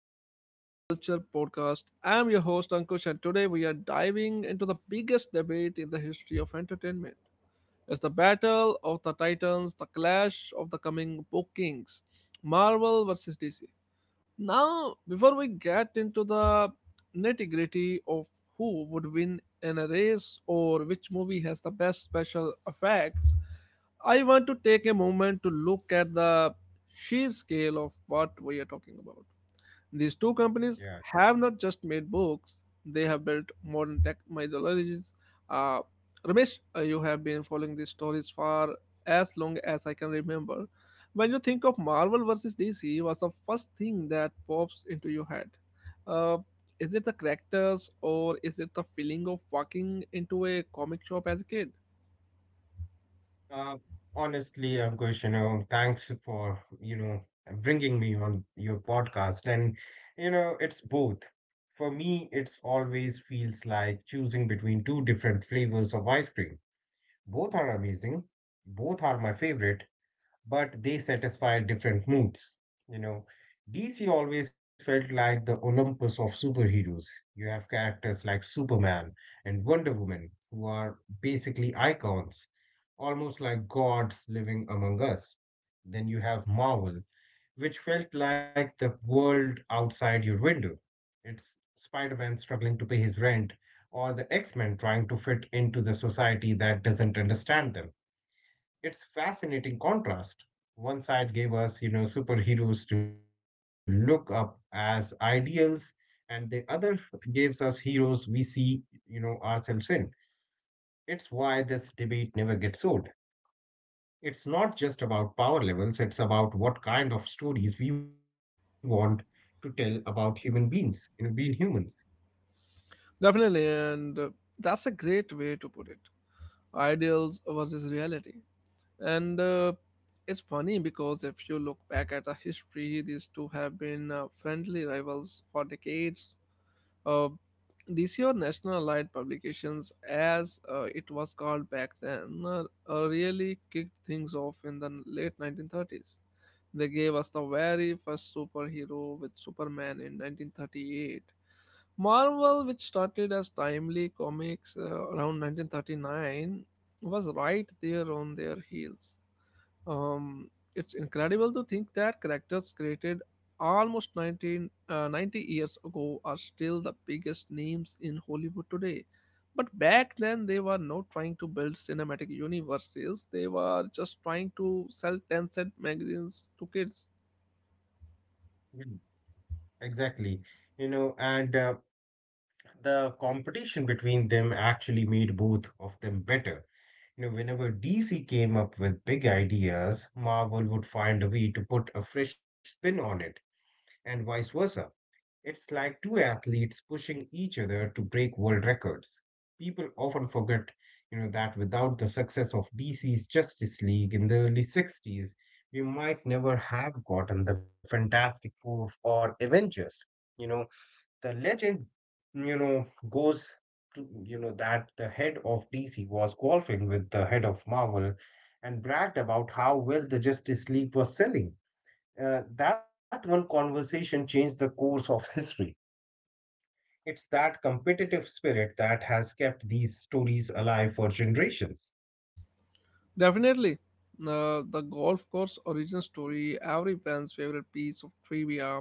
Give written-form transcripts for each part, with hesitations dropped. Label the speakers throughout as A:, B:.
A: of the Pop Culture Podcast. I'm your host Ankush, and today we are diving into the biggest debate in the history of entertainment. It's the battle of the titans, the clash of the coming bookings, Marvel versus DC. Now, before we get into the nitty gritty of who would win in a race or which movie has the best special effects, I want to take a moment to look at the sheer scale of what we are talking about. These two companies
B: Yeah.
A: have not just made books, they have built modern tech methodologies. Uh, Ramesh, you have been following these stories for as long as I can remember. When you think of Marvel versus DC, what's the first thing that pops into your head? Uh, is it the characters or is it the feeling of walking into a comic shop as a kid?
B: Uh, Honestly, Ankush, thanks for, bringing me on your podcast. And, it's both. For me, it's always feels like choosing between two different flavors of ice cream. Both are amazing. Both are my favorite, but they satisfy different moods. You know, DC always felt like the Olympus of superheroes. You have characters like Superman and Wonder Woman, who are basically icons, almost like gods living among us. Then you have Marvel, which felt like the world outside your window. It's Spider Man struggling to pay his rent, or the X Men trying to fit into the society that doesn't understand them. It's fascinating contrast. One side gave us, superheroes to look up as ideals, and the other gives us heroes we see, ourselves in. It's why this debate never gets old. It's not just about power levels, it's about what kind of stories we want to tell about human beings, being humans.
A: Definitely, and that's a great way to put it. Ideals versus reality. And it's funny because if you look back at the history, these two have been friendly rivals for decades. Uh, DC, or National Allied Publications, as it was called back then, really kicked things off in the late 1930s. They gave us the very first superhero with Superman in 1938. Marvel, which started as Timely Comics around 1939, was right there on their heels. It's incredible to think that characters created almost 90 years ago are still the biggest names in Hollywood today. But back then, they were not trying to build cinematic universes, they were just trying to sell 10-cent magazines to kids.
B: Mm, Exactly. You know, and The competition between them actually made both of them better. You know, whenever DC came up with big ideas, Marvel would find a way to put a fresh spin on it, and vice versa. It's like two athletes pushing each other to break world records. People often forget, that without the success of DC's Justice League in the early 60s, we might never have gotten the Fantastic Four or Avengers. You know, the legend, goes that the head of DC was golfing with the head of Marvel and bragged about how well the Justice League was selling. That one conversation changed the course of history. It's that competitive spirit that has kept these stories alive for generations.
A: Definitely. The golf course origin story, every fan's favorite piece of trivia.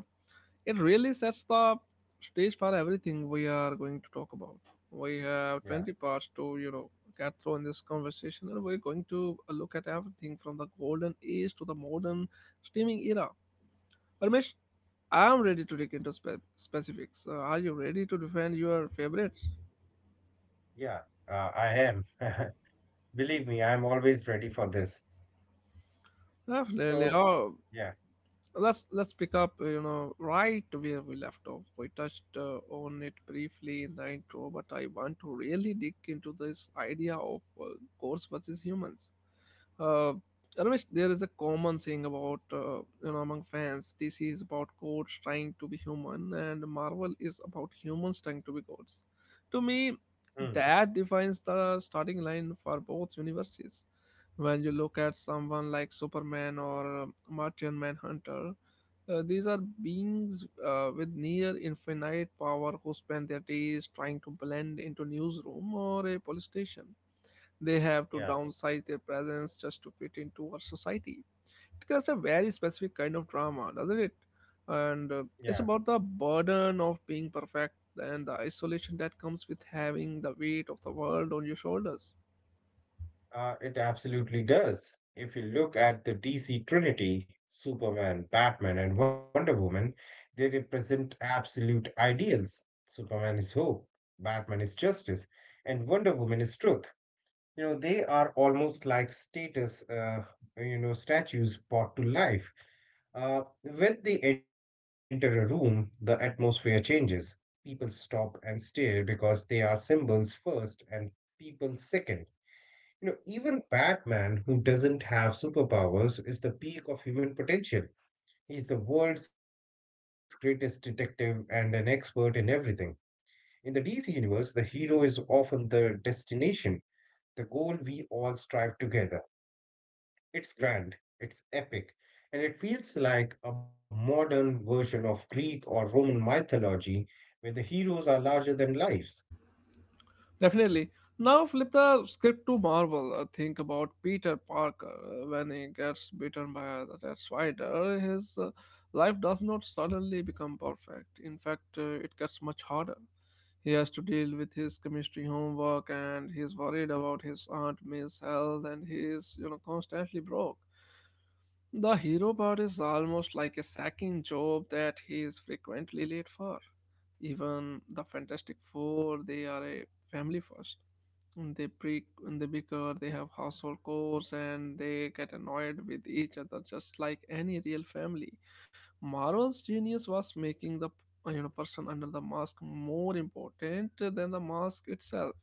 A: It really sets the stage for everything we are going to talk about. We have
B: Yeah,
A: 20 parts to, you know, get through in this conversation, and we're going to look at everything from the golden age to the modern streaming era. Parmesh, I'm ready to dig into specifics. Are you ready to defend your favorites?
B: yeah, I am. Believe me, I'm always ready for this.
A: Definitely.
B: So,
A: Oh,
B: yeah,
A: let's pick up, you know, right where we left off. We touched on it briefly in the intro, but I want to really dig into this idea of goats versus humans. uh Ramesh, there is a common saying about you know, among fans: DC is about goats trying to be human, and Marvel is about humans trying to be goats. To me,
B: mm,
A: that defines the starting line for both universes. When you look at someone like Superman or Martian Manhunter, these are beings with near infinite power who spend their days trying to blend into newsroom or a police station. They
B: yeah,
A: have to downsize their presence just to fit into our society. It creates a very specific kind of drama, doesn't it? And
B: yeah.
A: it's about the burden of being perfect and the isolation that comes with having the weight of the world on your shoulders.
B: It absolutely does. If you look at the DC Trinity, Superman, Batman, and Wonder Woman, they represent absolute ideals. Superman is hope, Batman is justice, and Wonder Woman is truth. You know, they are almost like statues brought to life. When they enter a room, the atmosphere changes. People stop and stare because they are symbols first and people second. You know, even Batman, who doesn't have superpowers, is the peak of human potential. He's the world's greatest detective and an expert in everything. In the DC universe, the hero is often the destination, the goal we all strive together. It's grand, it's epic, and it feels like a modern version of Greek or Roman mythology where the heroes are larger than life.
A: Definitely. Now flip the script to Marvel. Think about Peter Parker when he gets bitten by a red spider. His life does not suddenly become perfect. In fact, it gets much harder. He has to deal with his chemistry homework, and he's worried about his aunt May's health, and he is, you know, constantly broke. The hero part is almost like a second job that he is frequently late for. Even the Fantastic Four, they are a family first, and they pre and they bicker. They have household chores and they get annoyed with each other just like any real family. Marvel's genius was making the, you know, person under the mask more important than the mask itself.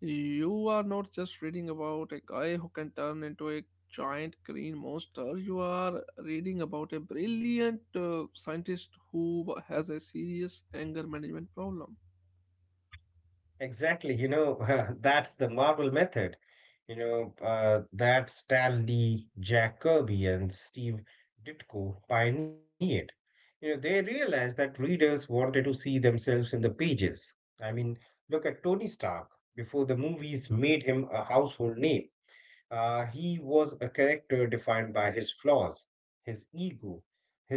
A: You are not just reading about a guy who can turn into a giant green monster, you are reading about a brilliant scientist who has a serious anger management problem.
B: Exactly, that's the Marvel method. That Stan Lee, Jack Kirby, and Steve Ditko pioneered. You know, they realized that readers wanted to see themselves in the pages. I mean, look at Tony Stark. Before the movies made him a household name, he was a character defined by his flaws, his ego,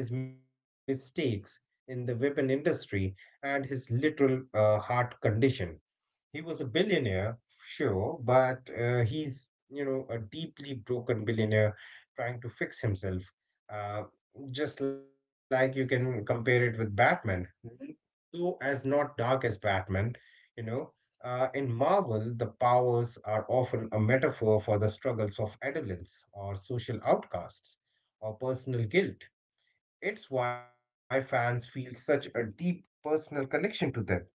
B: his mistakes in the weapon industry, and his literal heart condition. He was a billionaire, sure, but he's, a deeply broken billionaire trying to fix himself. Uh, just like you can compare it with Batman, though as not dark as Batman, you know. In Marvel, the powers are often a metaphor for the struggles of adolescence or social outcasts or personal guilt. It's why fans feel such a deep personal connection to them.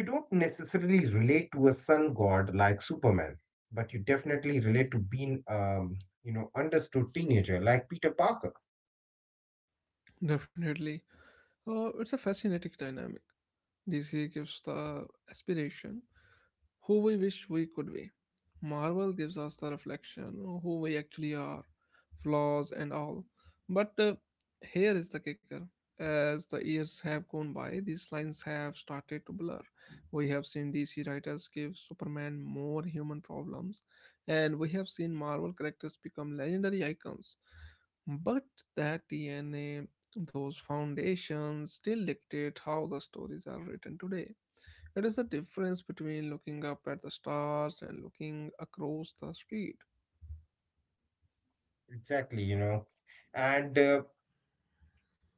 B: You don't necessarily relate to a sun god like Superman, but you definitely relate to being, understood teenager like Peter Parker.
A: Definitely. It's a fascinating dynamic. DC gives the aspiration who we wish we could be. Marvel gives us the reflection who we actually are, flaws and all. But here is the kicker. As the years have gone by, these lines have started to blur. We have seen DC writers give Superman more human problems, and we have seen Marvel characters become legendary icons. But that DNA, those foundations, still dictate how the stories are written today. It is the difference between looking up at the stars and looking across the street.
B: Exactly, you know, and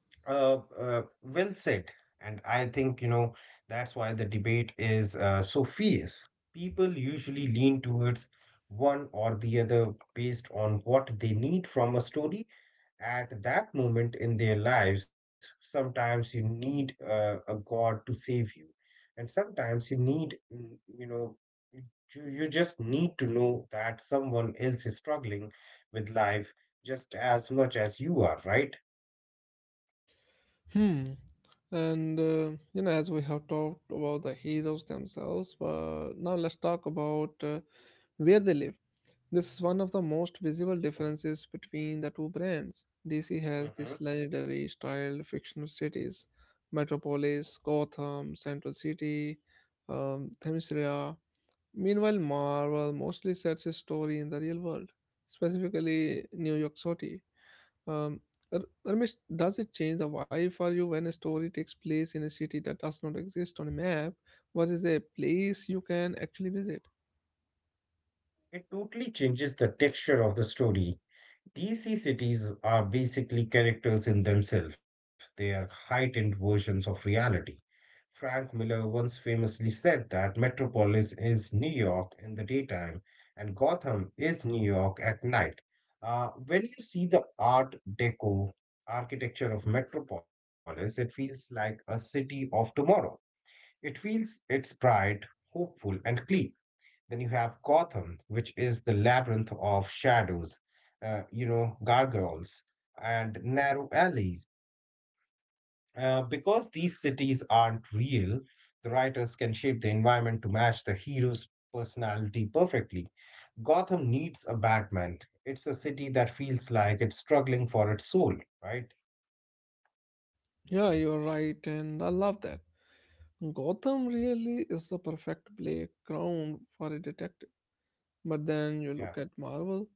B: well said. And I think, that's why the debate is so fierce. People usually lean towards one or the other based on what they need from a story at that moment in their lives. Sometimes you need a God to save you, and sometimes you need, you just need to know that someone else is struggling with life just as much as you are, right?
A: Hmm. And you know, as we have talked about the heroes themselves, but now let's talk about where they live. This is one of the most visible differences between the two brands. DC has
B: Hmm.
A: these legendary styled fictional cities: Metropolis, Gotham, Central City, Themyscira. Meanwhile, Marvel mostly sets his story in the real world, specifically New York City. Um, Ramesh, does it change the vibe for you when a story takes place in a city that does not exist on a map versus a place you can actually visit?
B: It totally changes the texture of the story. DC cities are basically characters in themselves, they are heightened versions of reality. Frank Miller once famously said that Metropolis is New York in the daytime and Gotham is New York at night. When you see the Art Deco architecture of Metropolis, it feels like a city of tomorrow. It feels it's bright, hopeful, and clean. Then you have Gotham, which is the labyrinth of shadows, gargoyles and narrow alleys. Because these cities aren't real, the writers can shape the environment to match the hero's personality perfectly. Gotham needs a Batman. It's a city that feels like it's struggling for its soul, right?
A: Yeah, you're right, and I love that. Gotham really is the perfect playground for a detective. But then you
B: Yeah.
A: look at Marvel,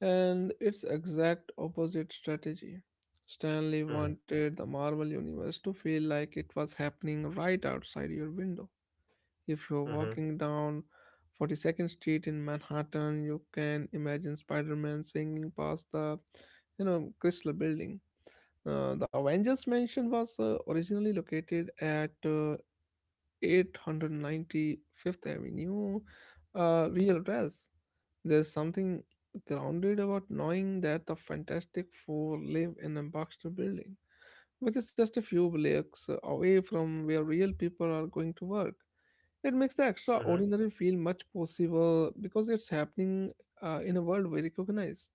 A: and it's exact opposite strategy. Stanley wanted the Marvel universe to feel like it was happening right outside your window. If you're
B: Mm-hmm.
A: walking down 42nd Street in Manhattan, you can imagine Spider-Man swinging past the, you know, Chrysler Building. The Avengers mansion was originally located at, 895th Avenue, a real address. There's something grounded about knowing that the Fantastic Four live in a Baxter building, which is just a few blocks away from where real people are going to work. It makes the
B: Hmm.
A: extraordinary feel much possible because it's happening in a world we recognize.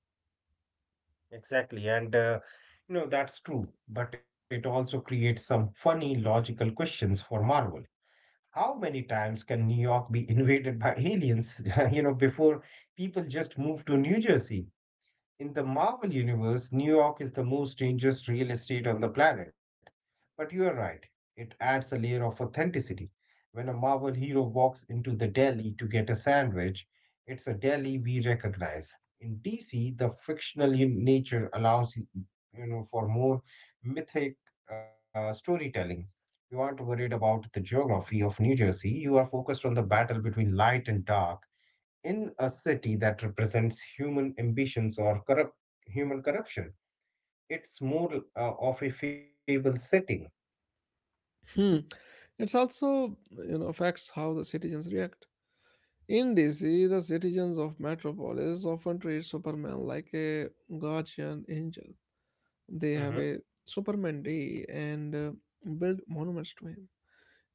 B: Exactly. And that's true, but it also creates some funny logical questions for Marvel. How many times can New York be invaded by aliens, you know, before people just move to New Jersey? In the Marvel Universe, New York is the most dangerous real estate on the planet. But you are right, it adds a layer of authenticity. When a Marvel hero walks into the deli to get a sandwich, it's a deli we recognize. In DC, the nature allows you know for more mythic storytelling. You aren't worried about the geography of New Jersey. You are focused on the battle between light and dark in a city that represents human ambitions or corrupt human corruption. It's more of a fable setting.
A: Hmm. It's also, you know, affects how the citizens react. In DC, the citizens of Metropolis often treat Superman like a guardian angel. They have
B: Mm-hmm.
A: a Superman day and build monuments to him.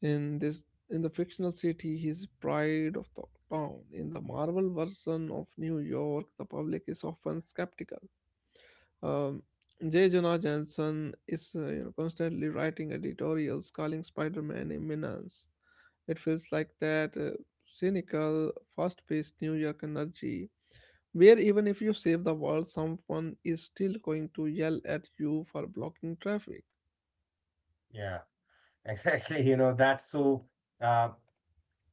A: In this, in the fictional city, he's pride of the town. In the Marvel version of New York, the public is often skeptical. Um, J. Jonah Jameson is, you know, constantly writing editorials calling Spider-Man a menace. It feels like that cynical, fast-paced New York energy where even if you save the world, someone is still going to yell at you for blocking traffic.
B: Yeah, exactly. You know, that's so, uh,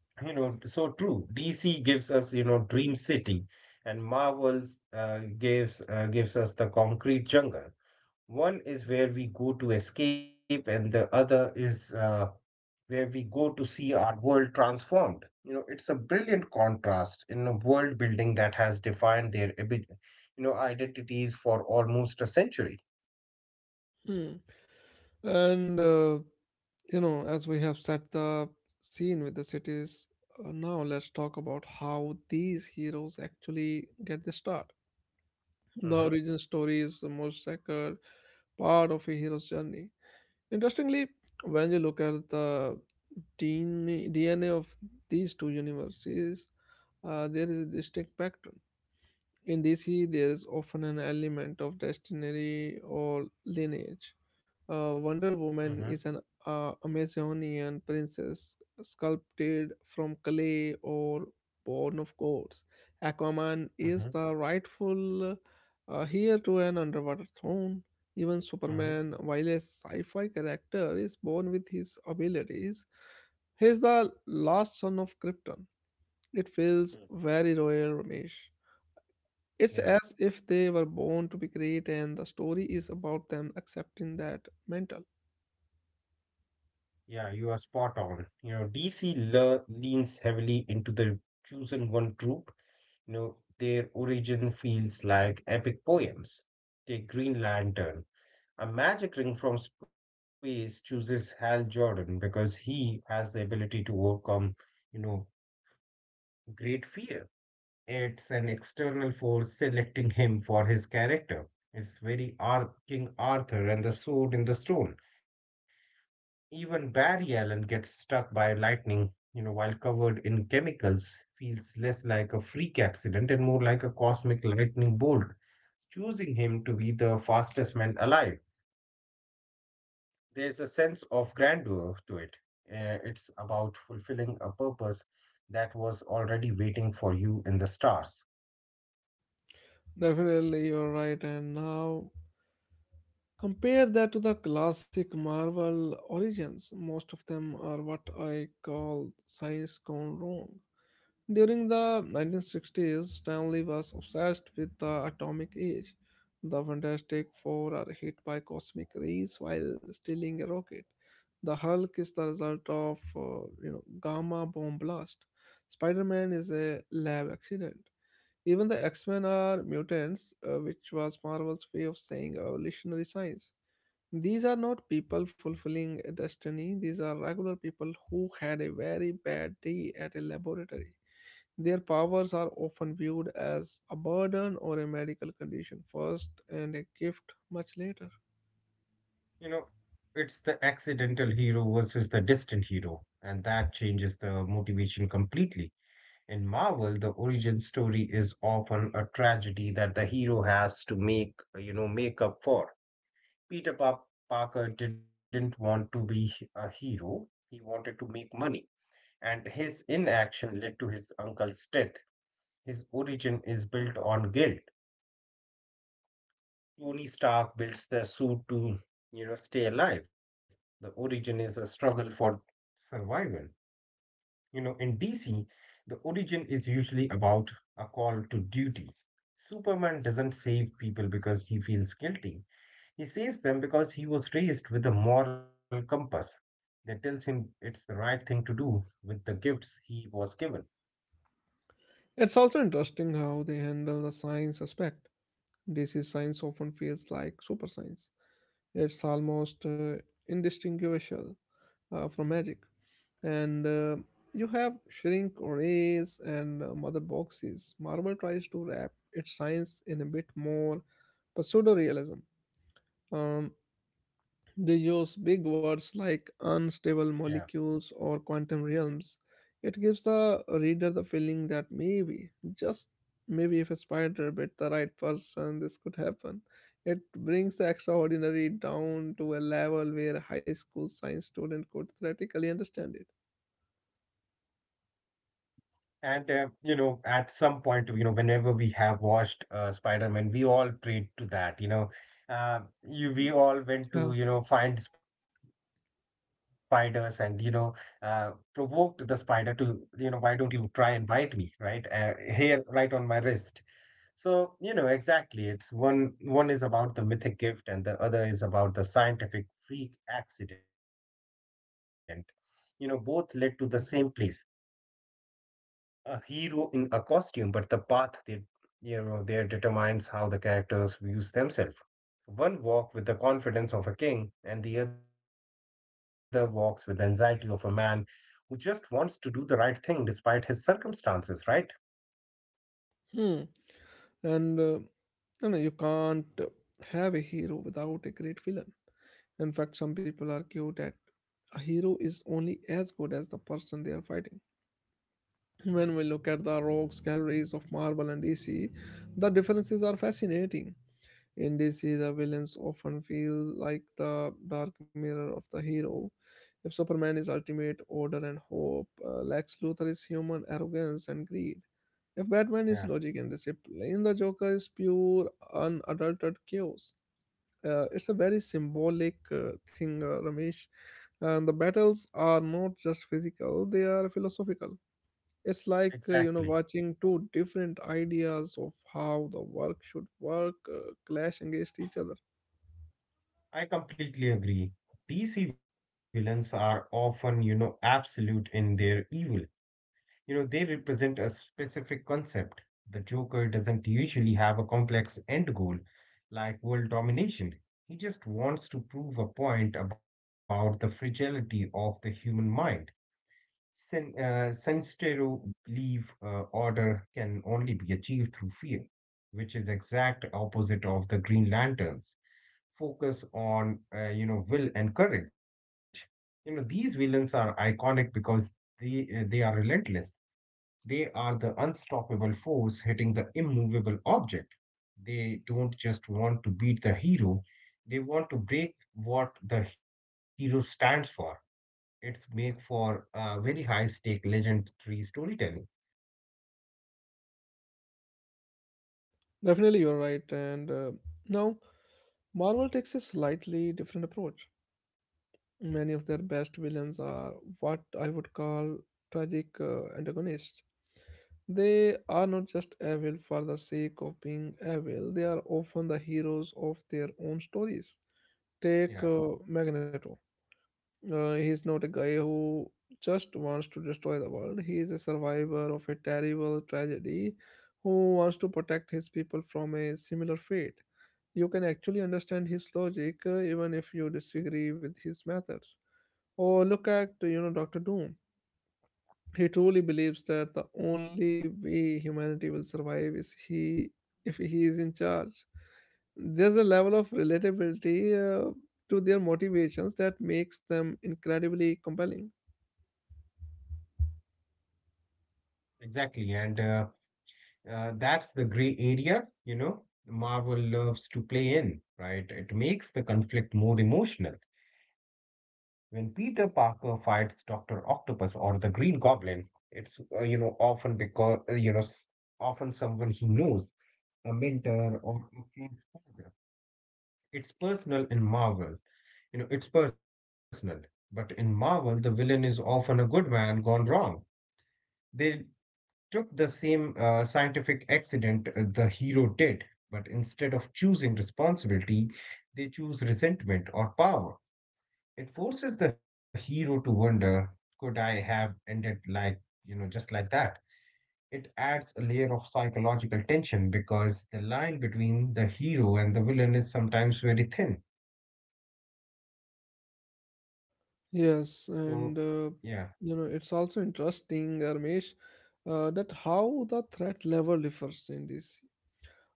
B: you know, So true. DC gives us, Dream City, and Marvel's gives us the concrete jungle. One is where we go to escape, and the other is where we go to see our world transformed. You know, it's a brilliant contrast in a world building that has defined their identities for almost a century.
A: Hmm. And you know, as we have set the scene with the cities, now let's talk about how these heroes actually get the start. The
B: Mm-hmm,
A: origin story is the most sacred part of a hero's journey. Interestingly, when you look at the DNA of these two universes, there is a distinct pattern. In DC, there is often an element of destiny or lineage. Wonder
B: mm-hmm,
A: Woman is an Amazonian princess sculpted from clay or born of gods. Aquaman
B: mm-hmm,
A: is the rightful heir to an underwater throne. Even
B: mm-hmm.
A: Superman, while a sci fi character, is born with his abilities. He is the last son of Krypton. It feels very royal, Ramesh.
B: Yeah,
A: It's as if they were born to be great, and the story is about them accepting that mental.
B: yeah, you are spot on. You know, DC leans heavily into the chosen one trope. You know, their origin feels like epic poems. Take Green Lantern. A magic ring from space chooses Hal Jordan because he has the ability to overcome, you know, great fear. It's an external force selecting him for his character. It's very King Arthur and the sword in the stone. Even Barry Allen gets struck by lightning, while covered in chemicals, feels less like a freak accident and more like a cosmic lightning bolt, choosing him to be the fastest man alive. There's a sense of grandeur to it. It's about fulfilling a purpose that was already waiting for you in the stars.
A: Definitely, you're right. And now, compare that to the classic Marvel origins. Most of them are what I call science gone wrong. During the 1960s, Stanley was obsessed with the atomic age. The Fantastic Four are hit by cosmic rays while stealing a rocket. The Hulk is the result of, you know, gamma bomb blast. Spider-Man is a lab accident. Even the X-Men are mutants, which was Marvel's way of saying evolutionary science. These are not people fulfilling a destiny. These are regular people who had a very bad day at a laboratory. Their powers are often viewed as a burden or a medical condition first and a gift much later.
B: You know, it's the accidental hero versus the distant hero, and that changes the motivation completely. In Marvel, the origin story is often a tragedy that the hero has to make up for. Peter Pa- Parker didn't want to be a hero. He wanted to make money and his inaction led to his uncle's death. His origin is built on guilt. Tony Stark builds the suit to, stay alive. The origin is a struggle for survival. You know, in DC, the origin is usually about a call to duty. Superman doesn't save people because he feels guilty. He saves them because he was raised with a moral compass that tells him it's the right thing to do with the gifts he was given.
A: It's also interesting how they handle the science aspect. Disease science often feels like super science. It's almost indistinguishable from magic. And you have shrink rays and mother boxes. Marvel tries to wrap its science in a bit more pseudo realism. They use big words like unstable
B: Yeah.
A: molecules or quantum realms. It gives the reader the feeling that maybe, just maybe, if a spider bit the right person, this could happen. It brings the extraordinary down to a level where a high school science student could theoretically understand it.
B: And you know, at some point, whenever we have watched Spider-Man, we all prayed to that. You know, uh, you We all went
A: Yeah.
B: to find spiders and uh, provoked the spider to why don't you try and bite me right here right on my wrist. So you know exactly, it's one one is about the mythic gift and the other is about the scientific freak accident. You know, both led to the same place, a hero in a costume, but the path they you know there determines how the characters views themselves. One walks with the confidence of a king, and the other walks with the anxiety of a man who just wants to do the right thing despite his circumstances, right?
A: Hmm. And no, you can't have a hero without a great villain. In fact, some people argue that a hero is only as good as the person they are fighting. When we look at the rocks, galleries of marble and DC, the differences are fascinating. In DC, the villains often feel like the dark mirror of the hero. If Superman is ultimate order and hope, Lex Luthor is human arrogance and greed. If Batman
B: Yeah.
A: is logic and discipline, the Joker is pure, unadulterated chaos. It's a very symbolic thing, Ramesh. And the battles are not just physical, they are philosophical. It's like
B: Exactly.
A: watching two different ideas of how the work should work clash against each other.
B: I completely agree. DC villains are often, absolute in their evil. You know, they represent a specific concept. The Joker doesn't usually have a complex end goal like world domination. He just wants to prove a point about the fragility of the human mind. Sinistero believe order can only be achieved through fear, which is exact opposite of the Green Lanterns. Focus on will and courage. You know these villains are iconic because they are relentless. They are the unstoppable force hitting the immovable object. They don't just want to beat the hero, they want to break what the hero stands for. It's make for very high stake legendary storytelling.
A: Definitely, you're right. And now, Marvel takes a slightly different approach. Many of their best villains are what I would call tragic antagonists. They are not just evil for the sake of being evil, they are often the heroes of their own stories. Take
B: Yeah,
A: Magneto. He's not a guy who just wants to destroy the world. He is a survivor of a terrible tragedy who wants to protect his people from a similar fate. You can actually understand his logic even if you disagree with his methods. Or look at Doctor Doom. He truly believes that the only way humanity will survive is he if he is in charge. There's a level of relatability to their motivations that makes them incredibly compelling.
B: exactly. And that's the gray area, you know, Marvel loves to play in, right? It makes the conflict more emotional. When Peter Parker fights Doctor Octopus or the Green Goblin, it's you know often because often someone he knows, a mentor or a friend's father. It's personal in Marvel. You know, it's personal. But in Marvel, the villain is often a good man gone wrong. They took the same scientific accident the hero did, but instead of choosing responsibility, they choose resentment or power. It forces the hero to wonder, could I have ended like, you know, just like that? It adds a layer of psychological tension because the line between the hero and the villain is sometimes very thin.
A: Yes,
B: So,
A: and
B: yeah.
A: it's also interesting, Ramesh, that how the threat level differs in this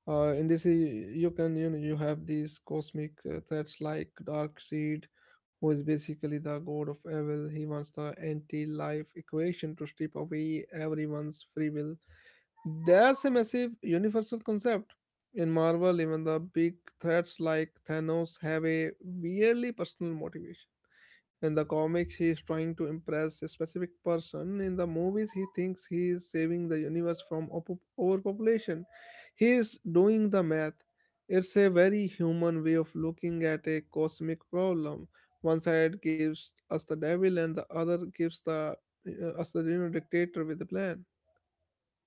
A: in DC. You can you have these cosmic threats like Darkseid, who is basically the god of evil. He wants the anti-life equation to strip away everyone's free will. That's a massive universal concept. In Marvel, even the big threats like Thanos have a weirdly personal motivation. In the comics, he is trying to impress a specific person. In the movies, he thinks he is saving the universe from overpopulation. He is doing the math. It's a very human way of looking at a cosmic problem. One side gives us the devil, and the other gives the us the dictator with a plan.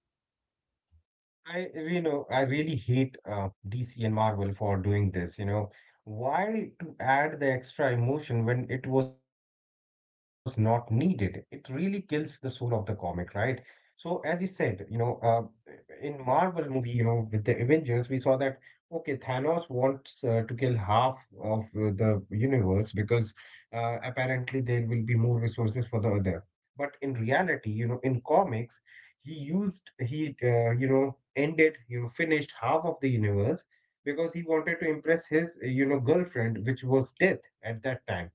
B: I you know I really hate DC and Marvel for doing this. You know, why to add the extra emotion when it was not needed? It really kills the soul of the comic, right? So as you said, you know, in Marvel movie, you know, with the Avengers, we saw that okay, Thanos wants to kill half of the universe because apparently there will be more resources for the other. But in reality, you know, in comics he you know ended, you know, finished half of the universe because he wanted to impress his you know girlfriend, which was death at that time,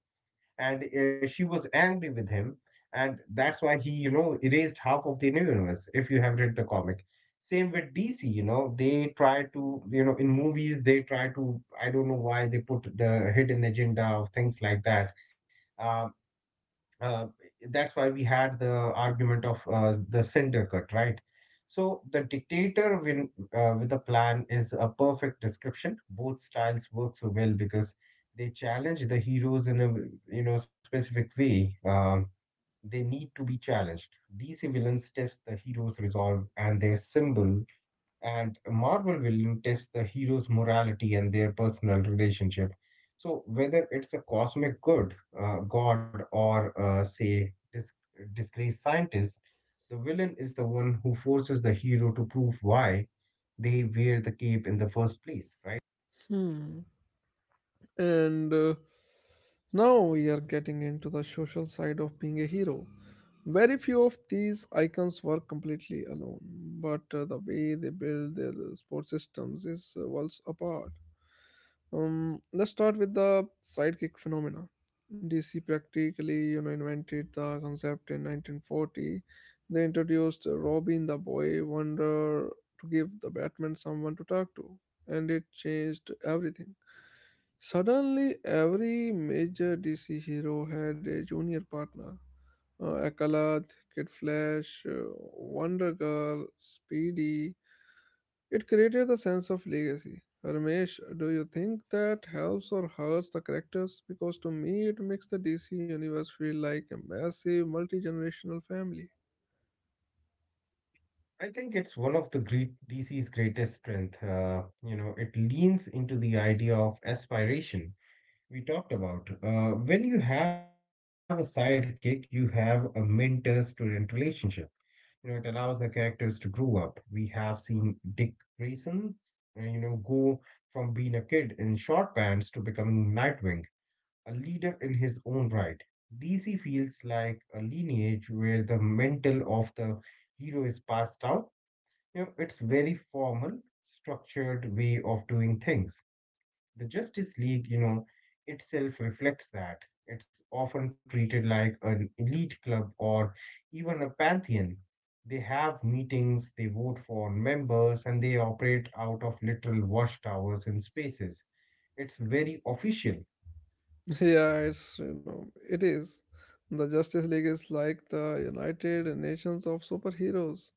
B: and she was angry with him, and that's why he, you know, erased half of the new universe if you have read the comic. Same with DC, you know, they try to, you know, in movies they try to, I don't know why they put the hidden agenda of things like that. Um, uh, that's why we had the argument of the cinder cut, right? So the dictator win, with a plan is a perfect description. Both styles work so well because they challenge the heroes in a you know specific way. They need to be challenged. These villains test the hero's resolve and their symbol, and Marvel will test the hero's morality and their personal relationship. So whether it's a cosmic good, god, or say disgraced scientist, the villain is the one who forces the hero to prove why they wear the cape in the first place, right?
A: Hmm. And now we are getting into the social side of being a hero. Very few of these icons work completely alone, but the way they build their support systems is worlds apart. Let's start with the sidekick phenomena. DC practically, invented the concept in 1940. They introduced Robin the Boy Wonder to give the Batman someone to talk to, and it changed everything. Suddenly, every major DC hero had a junior partner. Akalath, Kid Flash, Wonder Girl, Speedy. It created a sense of legacy. Ramesh, do you think that helps or hurts the characters? Because to me, it makes the DC universe feel like a massive multi-generational family.
B: I think it's one of the great DC's greatest strength. You know, it leans into the idea of aspiration we talked about. When you have a sidekick, you have a mentor student relationship. You know, it allows the characters to grow up. We have seen Dick Grayson, you know, go from being a kid in short pants to becoming Nightwing, a leader in his own right. DC feels like a lineage where the mental of the hero is passed down. You know, it's very formal, structured way of doing things. The Justice League, you know, itself reflects that. It's often treated like an elite club or even a pantheon. They have meetings, they vote for members, and they operate out of literal watchtowers and spaces. It's very official.
A: Yeah, it is. The Justice League is like the United Nations of superheroes.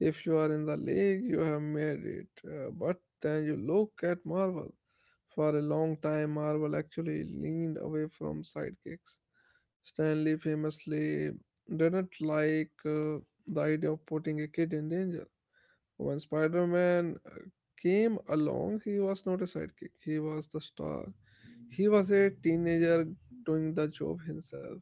A: If you are in the league, you have made it. But then you look at Marvel. For a long time, Marvel actually leaned away from sidekicks. Stanley famously didn't like the idea of putting a kid in danger. When Spider Man came along, he was not a sidekick, he was the star. He was a teenager doing the job himself.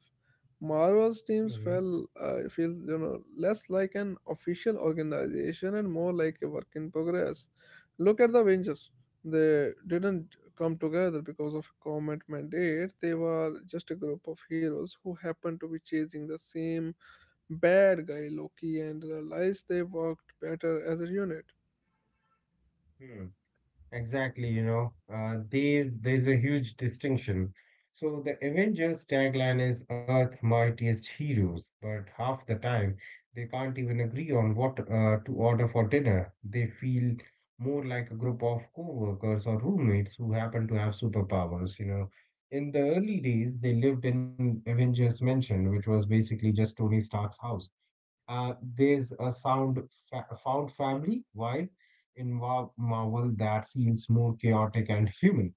A: Marvel's teams
B: Mhm.
A: felt feel less like an official organization and more like a work in progress. Look at the Avengers; they didn't come together because of a government mandate. They were just a group of heroes who happened to be chasing the same bad guy Loki and realized they worked better as a unit.
B: Hmm. Exactly, you know, there's a huge distinction. So the Avengers tagline is Earth Mightiest Heroes, but half the time they can't even agree on what to order for dinner. They feel more like a group of co-workers or roommates who happen to have superpowers, you know. In the early days, they lived in Avengers Mansion, which was basically just Tony Stark's house. There's a found family vibe in Marvel that feels more chaotic and human.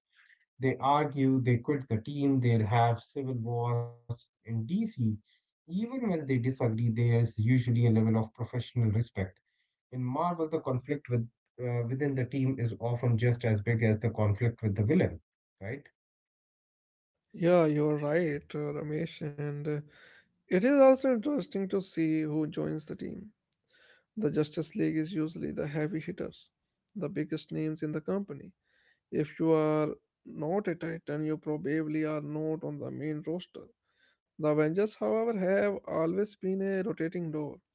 B: They argue, they quit the team, they have civil wars in DC. Even when they disagree, there's usually a level of professional respect. In Marvel, the conflict with within the team is often just as big as the conflict with the villain, right?
A: Yeah, you're right, Ramesh. And it is also interesting to see who joins the team. The Justice League is usually the heavy hitters, the biggest names in the company. If you are not a Titan, you probably are not on the main roster. The Avengers, however, have always been a rotating door.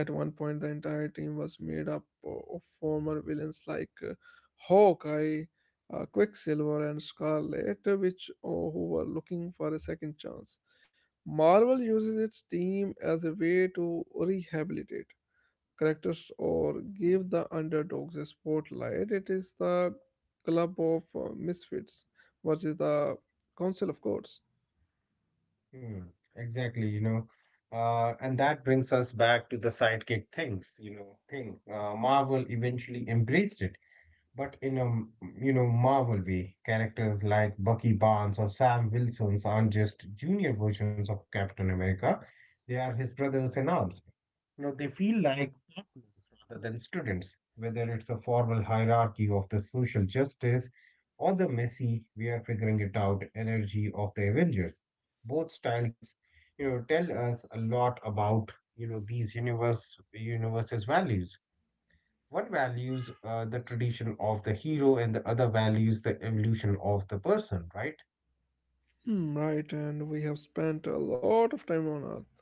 A: At one point, the entire team was made up of former villains like Hawkeye, Quicksilver, and Scarlet, who were looking for a second chance. Marvel uses its team as a way to rehabilitate characters or give the underdogs a spotlight. It is the club of misfits versus the council of gods.
B: Hmm, exactly, you know. And that brings us back to the sidekick things, you know, thing. Marvel eventually embraced it, but in a, you know, Marvel way. Characters like Bucky Barnes or Sam Wilsons aren't just junior versions of Captain America. They are his brothers in arms. You know, they feel like partners rather than students, whether it's a formal hierarchy of the social justice or the messy, we are figuring it out energy of the Avengers. Both styles, you know, tell us a lot about, you know, these universe's values. One values the tradition of the hero, and the other values the evolution of the person, right?
A: Hmm, right, and we have spent a lot of time on Earth.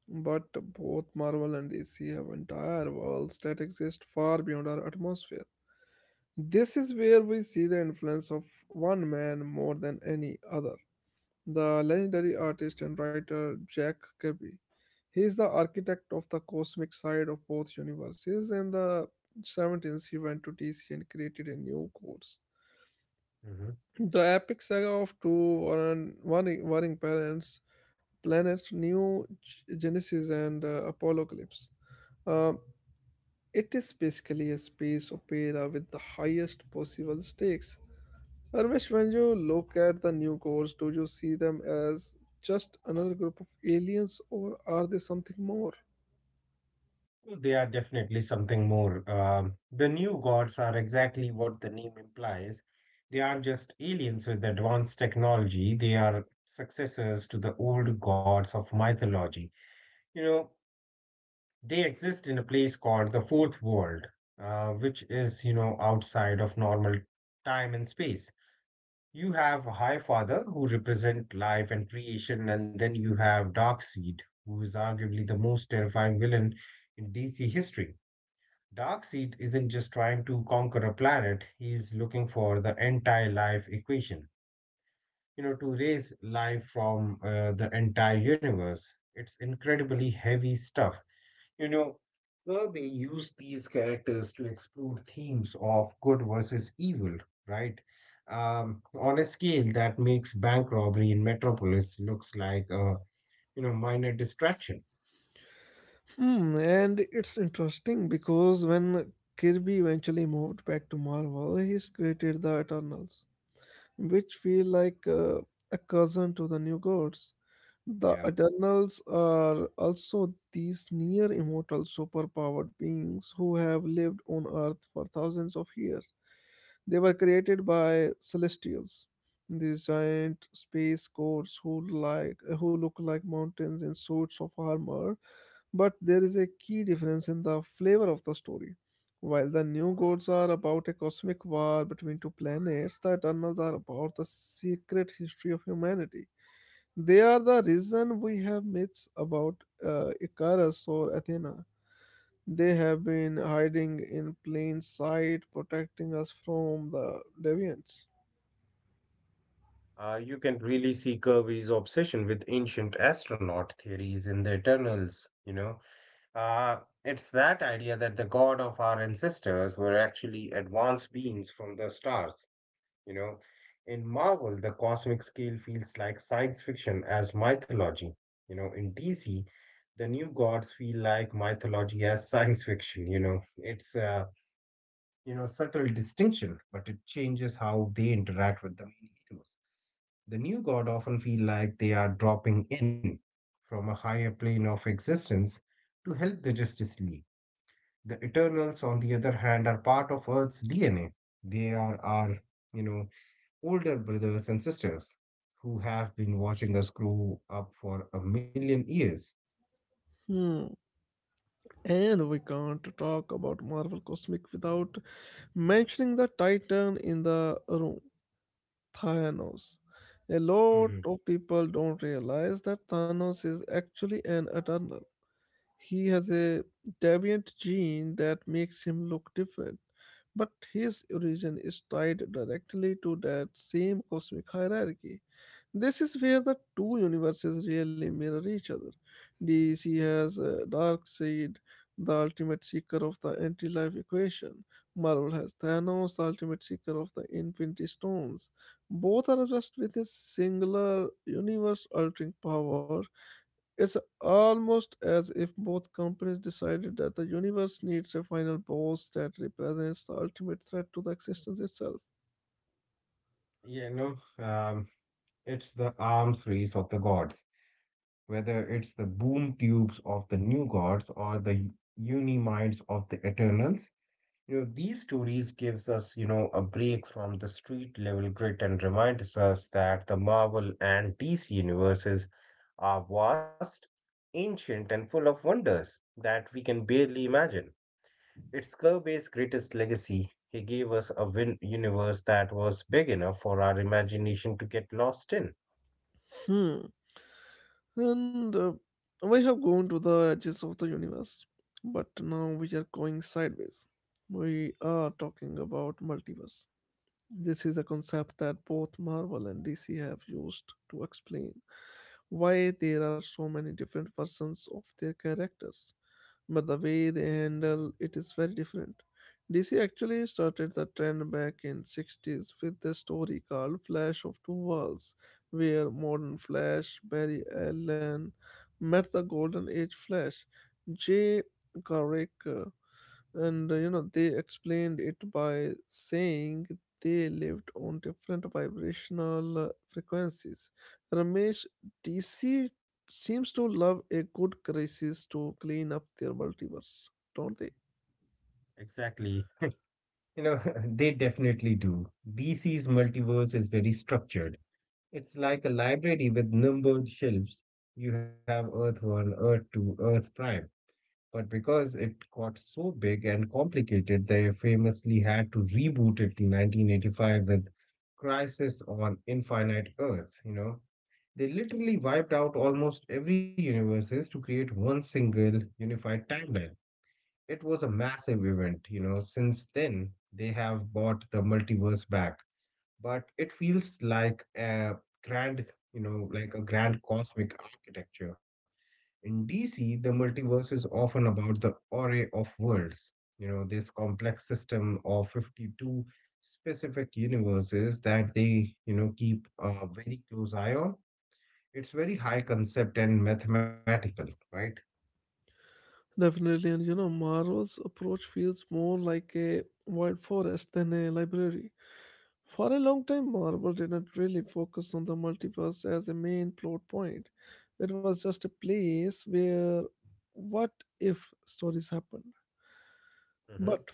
A: But both Marvel and DC have entire worlds that exist far beyond our atmosphere. This is where we see the influence of one man more than any other, the legendary artist and writer Jack Kirby. He is the architect of the cosmic side of both universes. In the 17th, he went to DC and created a new course, the epic saga of two warring parents, planets Genesis and Apocalypse. Um, it is basically a space opera with the highest possible stakes. Arvish, when you look at the new gods, do you see them as just another group of aliens or are they something more?
B: They are definitely something more. The new gods are exactly what the name implies. They aren't just aliens with advanced technology, they are successors to the old gods of mythology. You know, they exist in a place called the fourth world, which is, you know, outside of normal time and space. You have High Father, who represent life and creation, and then you have Darkseid, who is arguably the most terrifying villain in DC history. Darkseid isn't just trying to conquer a planet, he's looking for the entire life equation, you know, to raise life from the entire universe. It's incredibly heavy stuff. You know, Kirby used these characters to explore themes of good versus evil, right? On a scale that makes bank robbery in Metropolis looks like a, you know, minor distraction.
A: Hmm, and it's interesting because when Kirby eventually moved back to Marvel, he's created the Eternals, which feel like a cousin to the new gods. The
B: Yeah.
A: Eternals are also these near immortal superpowered beings who have lived on Earth for thousands of years. They were created by celestials, these giant space gods who who look like mountains in suits of armor. But there is a key difference in the flavor of the story. While the new gods are about a cosmic war between two planets, the Eternals are about the secret history of humanity. They are the reason we have myths about Icarus or Athena. They have been hiding in plain sight, protecting us from the deviants.
B: You can really see Kirby's obsession with ancient astronaut theories in the Eternals, you know. Uh, it's that idea that the god of our ancestors were actually advanced beings from the stars, you know. In Marvel, the cosmic scale feels like science fiction as mythology, you know. In DC, the new gods feel like mythology as science fiction, you know. It's a, you know, subtle distinction, but it changes how they interact with the main heroes. The new god often feel like they are dropping in from a higher plane of existence to help the Justice League. The Eternals, on the other hand, are part of Earth's DNA. They are our, you know, older brothers and sisters who have been watching us grow up for a million years.
A: Hmm. And we can't talk about Marvel Cosmic without mentioning the Titan in the room, Thanos. A lot
B: Hmm.
A: of people don't realize that Thanos is actually an Eternal. He has a deviant gene that makes him look different, but his origin is tied directly to that same cosmic hierarchy. This is where the two universes really mirror each other. DC has Darkseid, the ultimate seeker of the anti life equation. Marvel has Thanos, the ultimate seeker of the Infinity Stones. Both are just with a singular universe altering power. It's almost as if both companies decided that the universe needs a final boss that represents the ultimate threat to the existence itself.
B: You know, it's the arms race of the gods, whether it's the boom tubes of the new gods or the uni minds of the Eternals. You know, these stories gives us, you know, a break from the street level grit and reminds us that the Marvel and DC universes are vast, ancient, and full of wonders that we can barely imagine. It's Kirby's greatest legacy. He gave us a universe that was big enough for our imagination to get lost in.
A: Hmm. And we have gone to the edges of the universe, but now we are going sideways. We are talking about multiverse. This is a concept that both Marvel and DC have used to explain why there are so many different versions of their characters, but the way they handle it is very different. DC actually started the trend back in '60s with the story called Flash of Two Worlds, where modern Flash Barry Allen met the Golden Age Flash Jay Garrick, and they explained it by saying they lived on different vibrational frequencies. Ramesh, DC seems to love a good crisis to clean up their multiverse, don't they?
B: Exactly. You know, they definitely do. DC's multiverse is very structured. It's like a library with numbered shelves. You have Earth 1, Earth 2, Earth Prime. But because it got so big and complicated, they famously had to reboot it in 1985 with Crisis on Infinite Earths, you know. They literally wiped out almost every universes to create one single unified timeline. It was a massive event, you know. Since then, they have bought the multiverse back, but it feels like a grand, you know, like a grand cosmic architecture. In DC, the multiverse is often about the array of worlds. You know, this complex system of 52 specific universes that they, you know, keep a very close eye on. It's very high concept and mathematical, right?
A: Definitely, and Marvel's approach feels more like a wild forest than a library. For a long time, Marvel didn't really focus on the multiverse as a main plot point. It was just a place where what if stories happen.
B: Mm-hmm.
A: But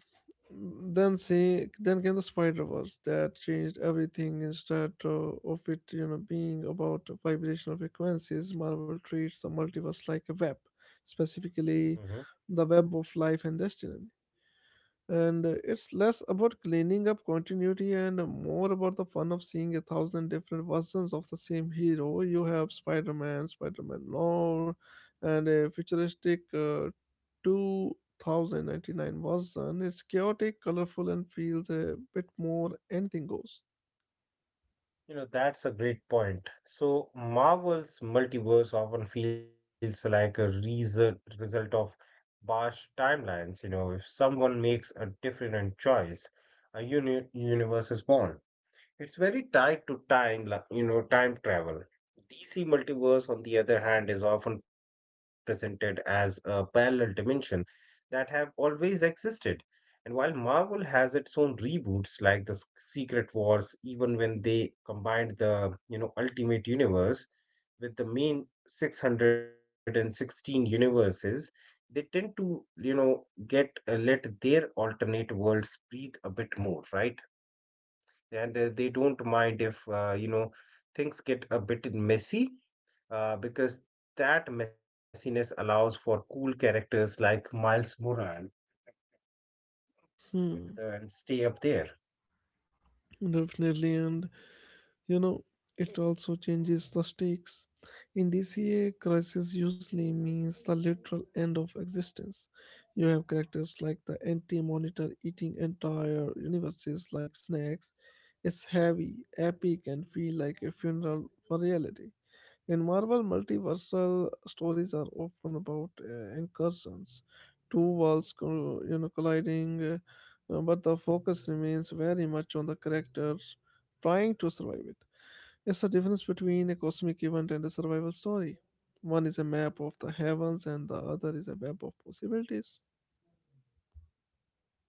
A: then came the Spider Verse that changed everything. Instead of it, being about vibrational frequencies, Marvel treats the multiverse like a web, specifically the web of life and destiny, and it's less about cleaning up continuity and more about the fun of seeing a thousand different versions of the same hero. You have Spider-Man, Spider-Man Lore, and a futuristic 2099 version. It's chaotic, colorful, and feels a bit more anything goes.
B: You know, that's a great point. So, Marvel's multiverse often feels like a result of harsh timelines. You know, if someone makes a different choice, a universe is born. It's very tied to time, you know, time travel. DC multiverse, on the other hand, is often presented as a parallel dimension that have always existed. And while Marvel has its own reboots like the Secret Wars, even when they combined the, you know, Ultimate Universe with the main 616 universes, they tend to, you know, get let their alternate worlds breathe a bit more, right? And they don't mind if you know things get a bit messy because that messiness allows for cool characters like Miles Morales
A: Hmm,
B: and stay up there.
A: definitely, and You know, it also changes the stakes. In DCA, crisis usually means the literal end of existence. You have characters like the anti monitor eating entire universes like snacks. It's heavy, epic, and feel like a funeral for reality. In Marvel, multiversal stories are often about incursions, two worlds colliding, but the focus remains very much on the characters trying to survive it. It's the difference between a cosmic event and a survival story. One is a map of the heavens, and the other is a map of possibilities.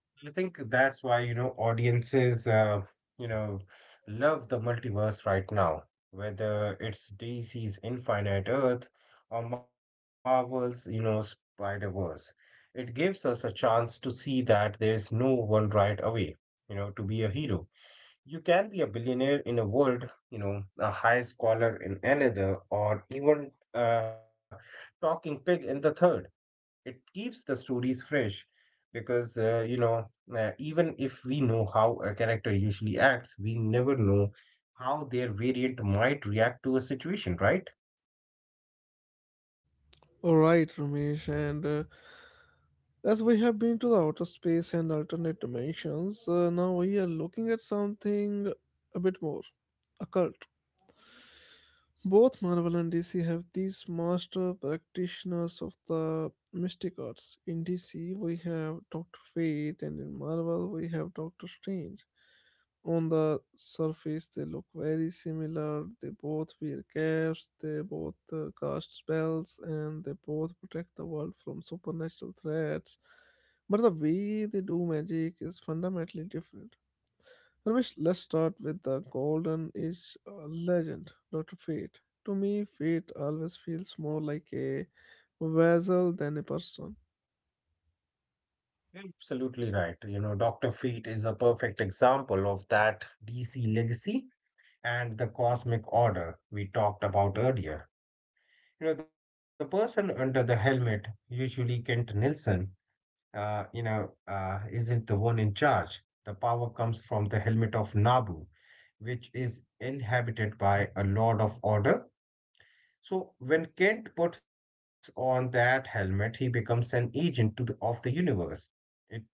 B: I think that's why you know audiences you know love the multiverse right now, whether it's DC's Infinite Earth or Marvel's you know Spider-Verse. It gives us a chance to see that there is no one right away, you know, to be a hero. You can be a billionaire in a world, you know, a high scholar in another, or even a talking pig in the third. It keeps the stories fresh because, even if we know how a character usually acts, we never know how their variant might react to a situation, right?
A: All right, Ramesh, and as we have been to the outer space and alternate dimensions, now we are looking at something a bit more occult. Both Marvel and DC have these master practitioners of the mystic arts. In DC, we have Doctor Fate, and in Marvel, we have Doctor Strange. On the surface, they look very similar. They both wear caps, they both cast spells, and they both protect the world from supernatural threats. But the way they do magic is fundamentally different. Ramesh, let's start with the Golden Age legend, Dr. Fate. To me, fate always feels more like a vessel than a person.
B: Absolutely right. You know, Dr. Fate is a perfect example of that DC legacy and the cosmic order we talked about earlier. You know, the person under the helmet, usually Kent Nielsen, isn't the one in charge. The power comes from the helmet of Nabu, which is inhabited by a Lord of Order. So when Kent puts on that helmet, he becomes an agent to the, of the universe. It,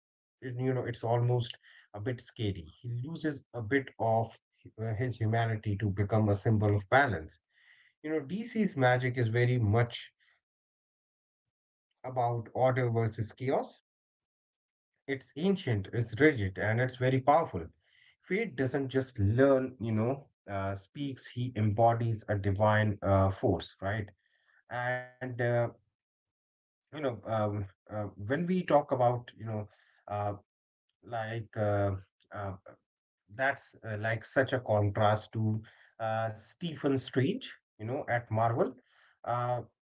B: it, you know, it's almost a bit scary. He loses a bit of his humanity to become a symbol of balance. You know, DC's magic is very much about order versus chaos. It's ancient, it's rigid, and it's very powerful. Fate doesn't just learn, speaks, he embodies a divine force, right? And, you know, when we talk about, you know, uh, like, uh, that's Like such a contrast to Stephen Strange, you know, at Marvel. Uh,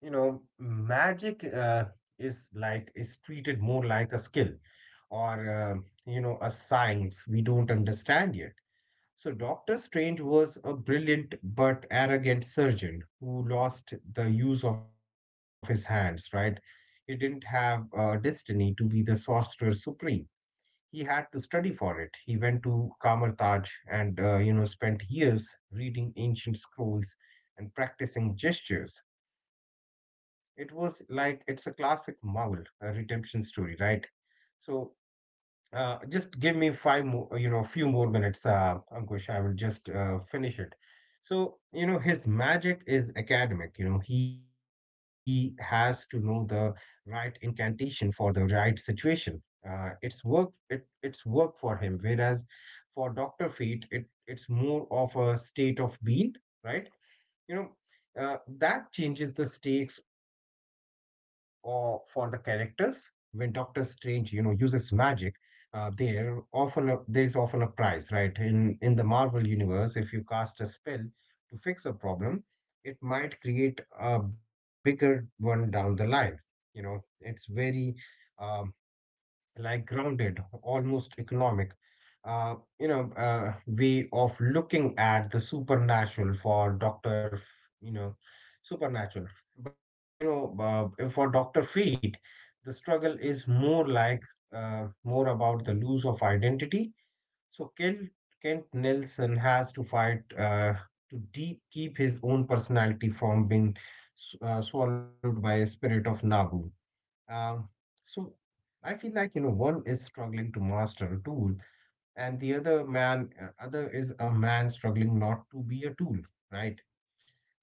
B: you know, magic is like is treated more like a skill or you know, a science we don't understand yet. So Doctor Strange was a brilliant but arrogant surgeon who lost the use of his hands. Right, he didn't have a destiny to be the sorcerer supreme. He had to study for it. He went to Kamartaj and you know, spent years reading ancient scrolls and practicing gestures. It was like it's a classic Marvel redemption story, right? So just give me five more, you know, a few more minutes, Ankush. I will just finish it. So you know, his magic is academic. You know, he has to know the right incantation for the right situation. It's work. It's work for him. Whereas for Doctor Fate, it's more of a state of being, right? You know, that changes the stakes or for the characters. When Doctor Strange, you know, uses magic, there is often a price, right? In the Marvel universe, if you cast a spell to fix a problem, it might create a bigger one down the line. You know, it's very um, like grounded, almost economic, way of looking at the supernatural for Dr. F- you know, supernatural. But, for Dr. Fate, the struggle is more like, more about the lose of identity. So Kent Nelson has to fight to keep his own personality from being swallowed by a spirit of Nabu. Um, so I feel like, you know, one is struggling to master a tool and the other man other is a man struggling not to be a tool, right?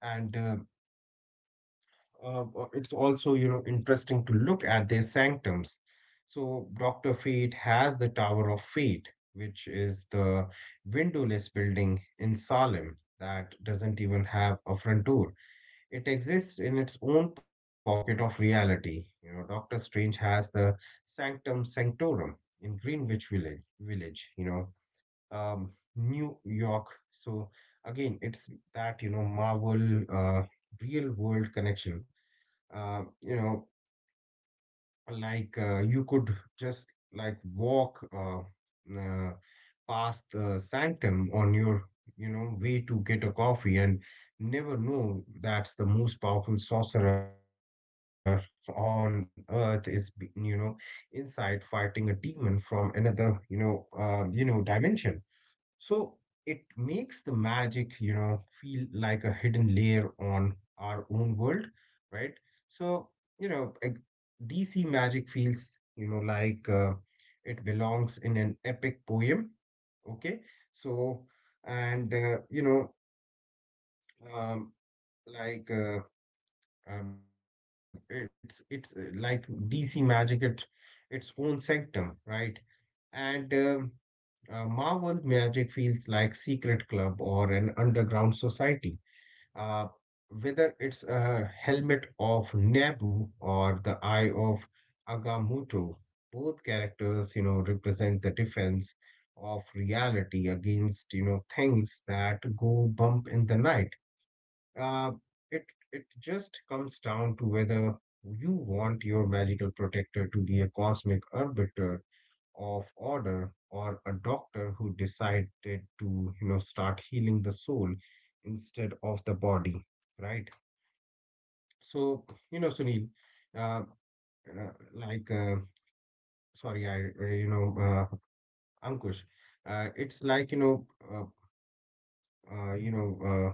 B: And it's also, you know, interesting to look at their sanctums. So Dr. Fate has the Tower of Fate, which is the windowless building in Salem that doesn't even have a front door. It exists in its own pocket of reality. You know, Dr. Strange has the Sanctum Sanctorum in Greenwich Village, you know, New York. So again, it's that, you know, Marvel real world connection. You know, you could just walk uh, past the sanctum on your, you know, way to get a coffee and never know that's the most powerful sorcerer on earth is, you know, inside fighting a demon from another, you know, dimension. So it makes the magic, you know, feel like a hidden layer on our own world, right? So, you know, like, DC magic feels, you know, it belongs in an epic poem, okay? So, and, you know, um, like, it's DC magic, it, its own sanctum, right? And Marvel magic feels like secret club or an underground society. Uh, whether it's a helmet of Naboo or the eye of Agamotto, both characters, you know, represent the defense of reality against, you know, things that go bump in the night. Uh, it it just comes down to whether you want your magical protector to be a cosmic arbiter of order or a doctor who decided to, you know, start healing the soul instead of the body, right? So, you know, sunil uh, uh, like sorry, I you know Ankush. Uh, it's like uh, you know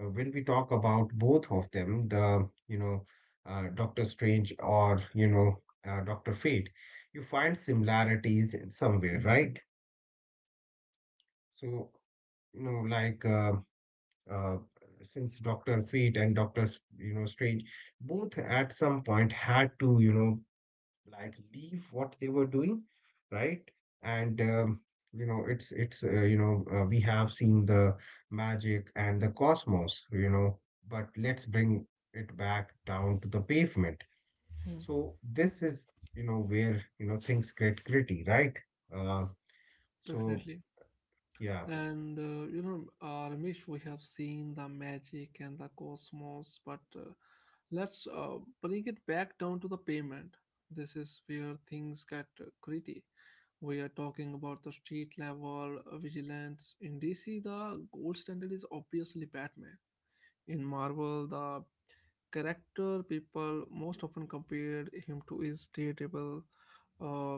B: When we talk about both of them, the, you know, Doctor Strange or, you know, Doctor Fate, you find similarities in somewhere, right? So, you know, uh, since Dr. Feet and Dr., you know, Strange both at some point had to, you know, like leave what they were doing, right? And you know, we have seen the magic and the cosmos, you know, but let's bring it back down to the pavement.
A: Hmm,
B: So this is, you know, where you know things get gritty, right? Uh, so
A: definitely.
B: yeah.
A: And Ramesh, we have seen the magic and the cosmos, but let's bring it back down to the payment. This is where things get gritty. We are talking about the street level vigilance. In DC, the gold standard is obviously Batman. In Marvel, the character people most often compared him to is Daredevil. Uh,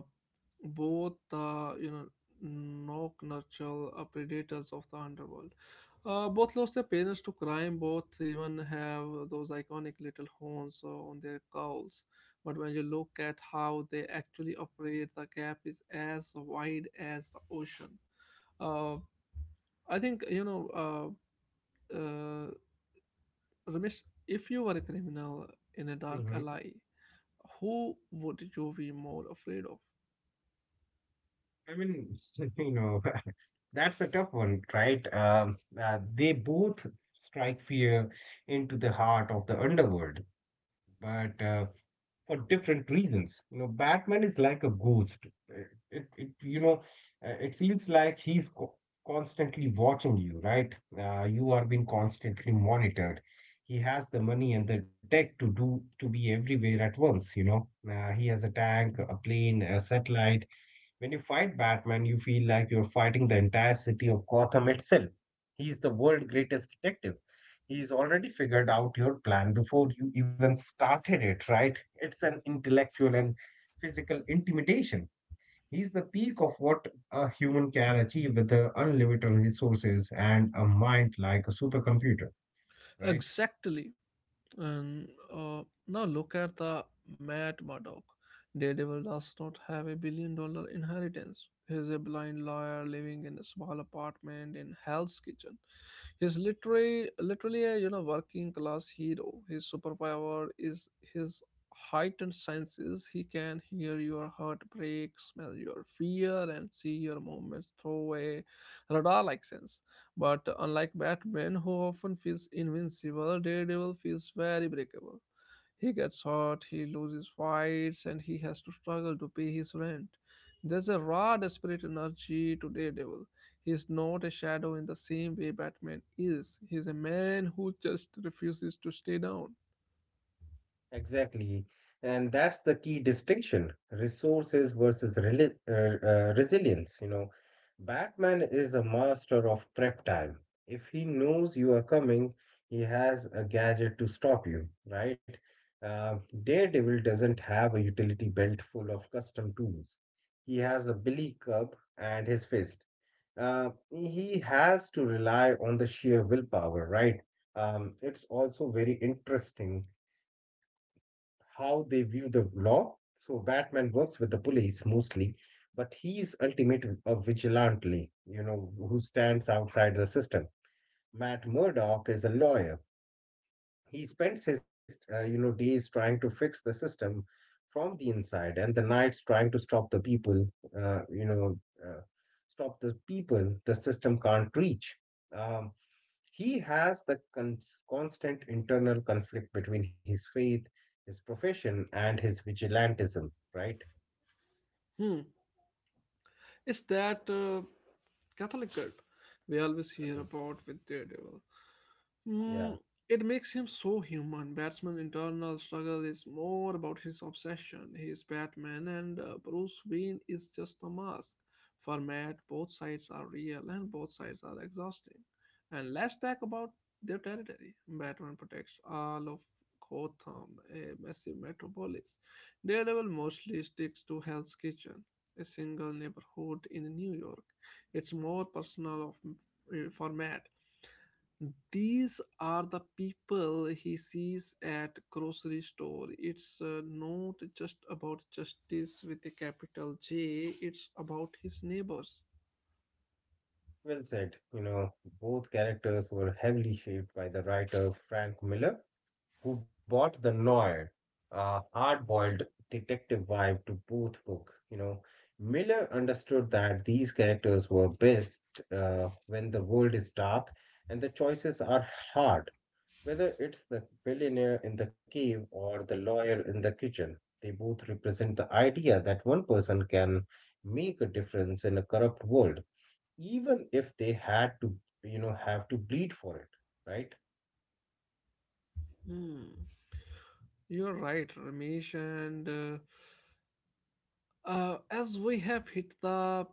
A: Both the knock nurture predators of the underworld. Both lost their parents to crime. Both even have those iconic little horns on their cowls. But when you look at how they actually operate, the gap is as wide as the ocean. Uh, I think Uh, uh, Ramesh, if you were a criminal in a dark
B: Mhm.
A: alley, who would you be more afraid of?
B: I mean, you know, that's a tough one, right? They both strike fear into the heart of the underworld, but for different reasons. You know, Batman is like a ghost. It you know, it feels like he's co constantly watching you, right? You are being constantly monitored. He has the money and the tech to do to be everywhere at once. You know, he has a tank, a plane, a satellite. When you fight Batman, you feel like you're fighting the entire city of Gotham itself. He's the world's greatest detective. He's already figured out your plan before you even started it, right? It's an intellectual and physical intimidation. He's the peak of what a human can achieve with the unlimited resources and a mind like a supercomputer, right?
A: Exactly. And now look at the Matt Murdock. Daredevil does not have a $1 billion inheritance. He is a blind lawyer living in a small apartment in Hell's Kitchen. He's literally a working class hero. His superpower is his heightened senses. He can hear your heartbreak, smell your fear, and see your movements through a radar-like sense. But unlike Batman, who often feels invincible, Daredevil feels very breakable. He gets hurt, he loses fights, and he has to struggle to pay his rent. There's a raw, desperate energy to Daredevil. He's not a shadow in the same way Batman is. He's a man who just refuses to stay down.
B: Exactly. And that's the key distinction, resources versus resilience. You know, Batman is the master of prep time. If he knows you are coming, he has a gadget to stop you, right? Uh, Daredevil doesn't have a utility belt full of custom tools. He has a billy club and his fist. He has to rely on the sheer willpower, right? It's also very interesting how they view the law. So Batman works with the police mostly, but he is ultimate a vigilante, you know, who stands outside the system. Matt Murdock is a lawyer. He spends his, you know, days trying to fix the system from the inside, and the nights trying to stop the people, uh, you know, uh, the system can't reach. Um, he has the constant internal conflict between his faith, his profession, and his vigilantism, right?
A: Hmm. It's that Catholic cult we always hear
B: Mhm.
A: about with Daredevil. Hmm,
B: Yeah,
A: it makes him so human. Batman's internal struggle is more about his obsession. He is Batman, and Bruce Wayne is just a mask. For Matt, both sides are real and both sides are exhausting. And let's talk about their territory. Batman protects all of Gotham, a massive metropolis. Daredevil mostly sticks to Hell's Kitchen, a single neighborhood in New York. It's more personal of format. These are the people he sees at grocery store. It's not just about justice with a capital j, it's about his neighbors.
B: well said. You know, both characters were heavily shaped by the writer Frank Miller, who brought the noir, hard-boiled detective vibe to both book. You know, Miller understood that these characters were best when the world is dark and the choices are hard. Whether it's the billionaire in the cave or the lawyer in the kitchen, they both represent the idea that one person can make a difference in a corrupt world, even if you know, have to bleed for it, right?
A: Hmm. You're right, Ramesh, and as we have hit the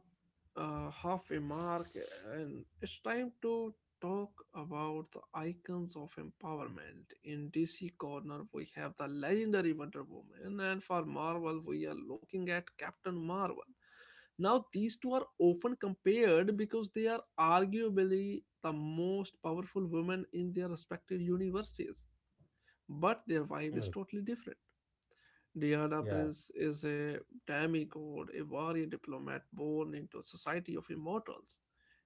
A: halfway mark, and it's time to talk about the icons of empowerment. In DC Corner, we have the legendary Wonder Woman, and for Marvel, we are looking at Captain Marvel. Now, these two are often compared because they are arguably the most powerful women in their respective universes, but their
B: Mm.
A: vibe is totally different. Diana
B: Yeah.
A: Prince is a demigod, a warrior diplomat born into a society of immortals.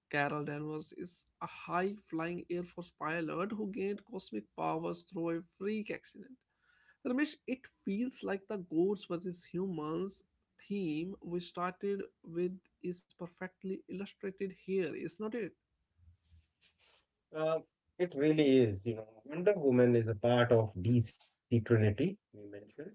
A: Carol Danvers is a high flying Air Force pilot who gained cosmic powers through a freak accident. Ramesh, it feels like the gods versus humans theme we started with is perfectly illustrated here, is not it?
B: Uh, it really is, you know. Wonder Woman is a part of DC Trinity, we mentioned.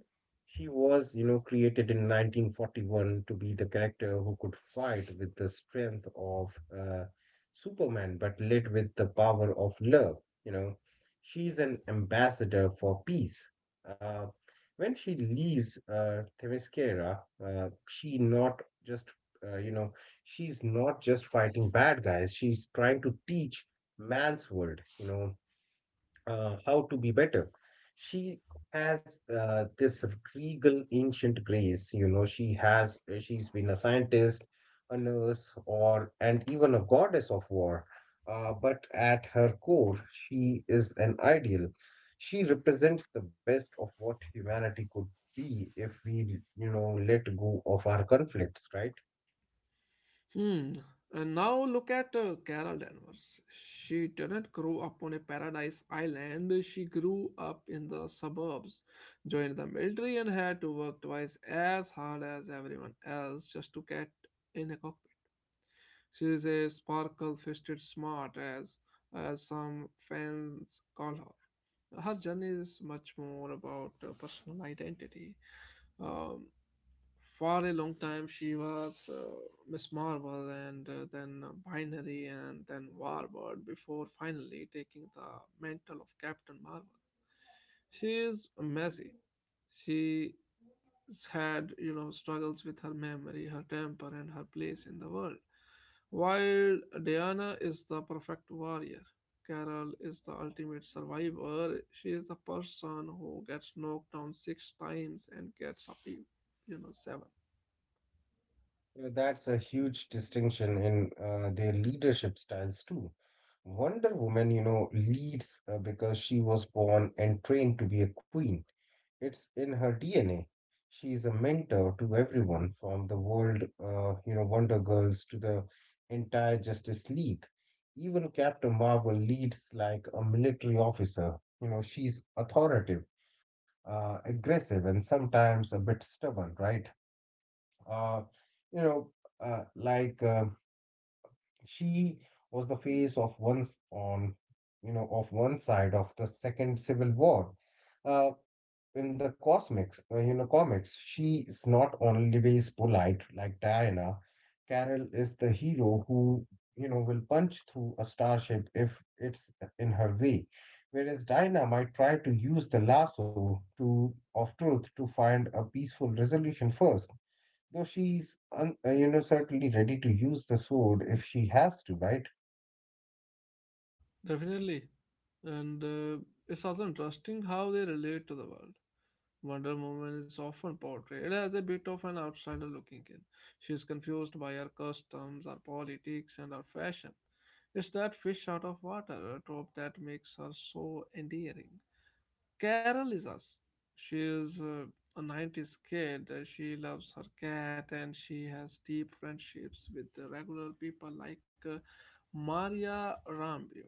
B: She was, you know, created in 1941 to be the character who could fight with the strength of Superman, but lit with the power of love, you know. She's an ambassador for peace. Uh, when she leaves Themyscira, she not just, you know, she's not just fighting bad guys, she's trying to teach man's world, you know, how to be better. She has this regal ancient grace, you know, she's been a scientist, a nurse, or, and even a goddess of war. But at her core, she is an ideal. She represents the best of what humanity could be if we, you know, let go of our conflicts, right?
A: Hmm. And now look at Carol Danvers. She didn't grow up on a paradise island. She grew up in the suburbs, joined the military, and had to work twice as hard as everyone else just to get in a cockpit. She is a sparkle-fisted smart, as some fans call her. Her journey is much more about personal identity. Um for a long time she was Miss Marvel and then Binary and then Warbird before finally taking the mantle of Captain Marvel. She is messy. She had struggles with her memory, her temper, and her place in the world. While Diana is the perfect warrior, Carol is the ultimate survivor. She is the person who gets knocked down six times and gets up seven.
B: Yeah, that's a huge distinction in their leadership styles too. Wonder Woman, you know, leads because she was born and trained to be a queen. It's in her DNA. She is a mentor to everyone from the world, you know, Wonder Girls to the entire Justice League. Even Captain Marvel leads like a military officer. You know, she's authoritative, aggressive, and sometimes a bit stubborn, right? Uh, you know, uh, like uh, she was the face of you know, of one side of the Second Civil War. Uh, you know, comics, she is not always polite like Diana. Carol is the hero who, you know, will punch through a starship if it's in her way, whereas Diana might try to use the lasso to of truth to find a peaceful resolution first. Though you know, certainly ready to use the sword if she has to, right?
A: Definitely. And it's also interesting how they relate to the world. Wonder woman is often portrayed as a bit of an outsider looking in. She is confused by her customs, her politics, and her fashion. It's that fish out of water trope that makes her so endearing. Carol is us. She is a '90s kid. She loves her cat and she has deep friendships with the regular people like Maria Rambio.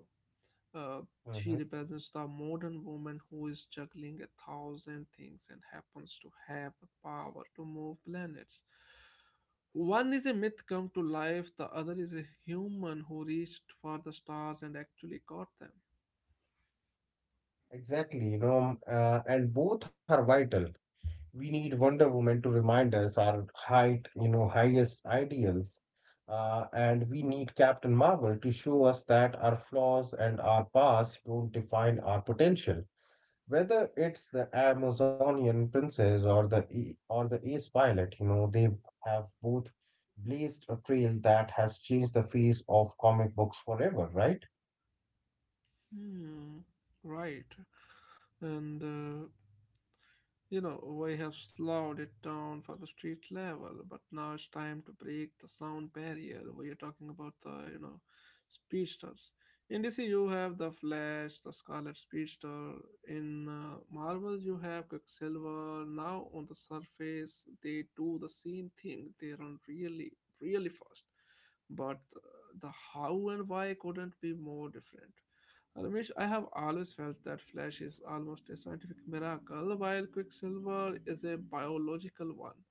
A: Uh, she
B: Hmm.
A: represents the modern woman who is juggling a thousand things and happens to have the power to move planets. One is a myth come to life, the other is a human who reached for the stars and actually got them.
B: Exactly, you know, and both are vital. We need Wonder Woman to remind us you know, highest ideals, and we need Captain Marvel to show us that our flaws and our past don't define our potential. Whether it's the Amazonian princess or or the ace pilot, you know, they have both blazed a trail that has changed the face of comic books forever, right?
A: Hmm, right. And we have slowed it down for the street level, but now it's time to break the sound barrier. We are talking about the speedsters. In DC you have the Flash, the scarlet speedster. In Marvel you have Quicksilver. Now on the surface they do the same thing, they run really really fast, but the how and why couldn't be more different. Ramesh, I have always felt that Flash is almost a scientific miracle, while Quicksilver is a biological one.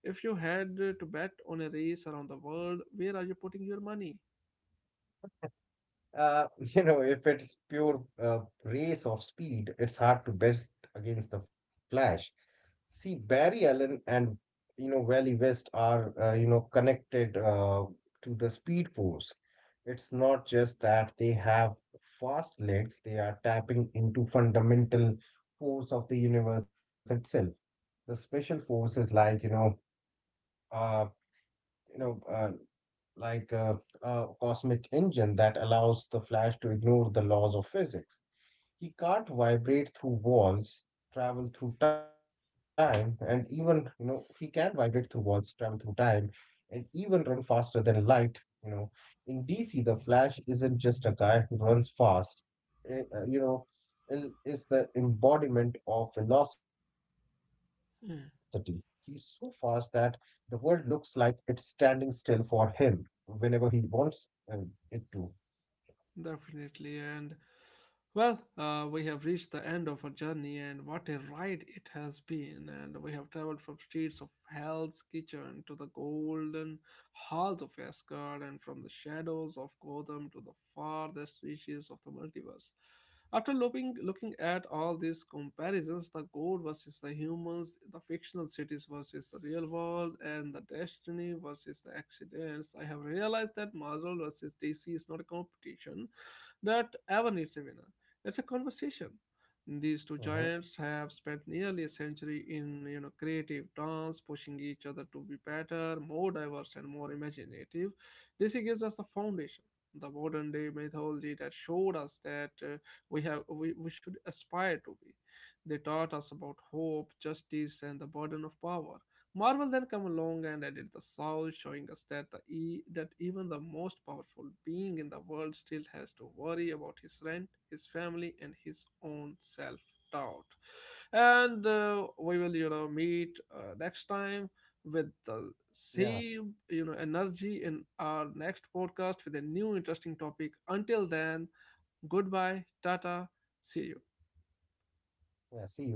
A: If you had to bet on a race around the world, where are you putting your money?
B: You know, if it's pure race of speed, it's hard to best against the Flash. See, Barry Allen and you know Wally West are you know, connected to the Speed Force. It's not just that they have fast legs; they are tapping into fundamental force of the universe itself. The special force is like, you know, uh, you know, uh, a cosmic engine that allows the Flash to ignore the laws of physics. He can't vibrate through walls travel through time and even you know He can vibrate through walls, travel through time, and even run faster than light. You know, in DC, the Flash isn't just a guy who runs fast. eh, uh, you know is the embodiment of velocity. He's so fast that
A: Hmm,
B: the world looks like it's standing still for him whenever he wants uh, it to.
A: definitely, and well, we have reached the end of our journey, and what a ride it has been! And we have traveled from streets of Hell's Kitchen to the golden halls of Asgard, and from the shadows of Gotham to the farthest reaches of the multiverse. After looking at all these comparisons, the gold versus the humans, the fictional cities versus the real world, and the destiny versus the accidents, I have realized that Marvel versus DC is not a competition that ever needs a winner. It's a conversation. These two
B: Mhm.
A: giants have spent nearly a century in creative terms, pushing each other to be better, more diverse, and more imaginative. DC gives us the foundation, the modern day mythology that showed us that we should aspire to be. They taught us about hope, justice, and the burden of power. Marvel then came along and added the soul, showing us that that even the most powerful being in the world still has to worry about his rent, his family, and his own self doubt. And we will, meet next time with the
B: Yeah.
A: same, energy in our next podcast with a new interesting topic. Until then, goodbye, tata, see you.
B: Yeah, see you.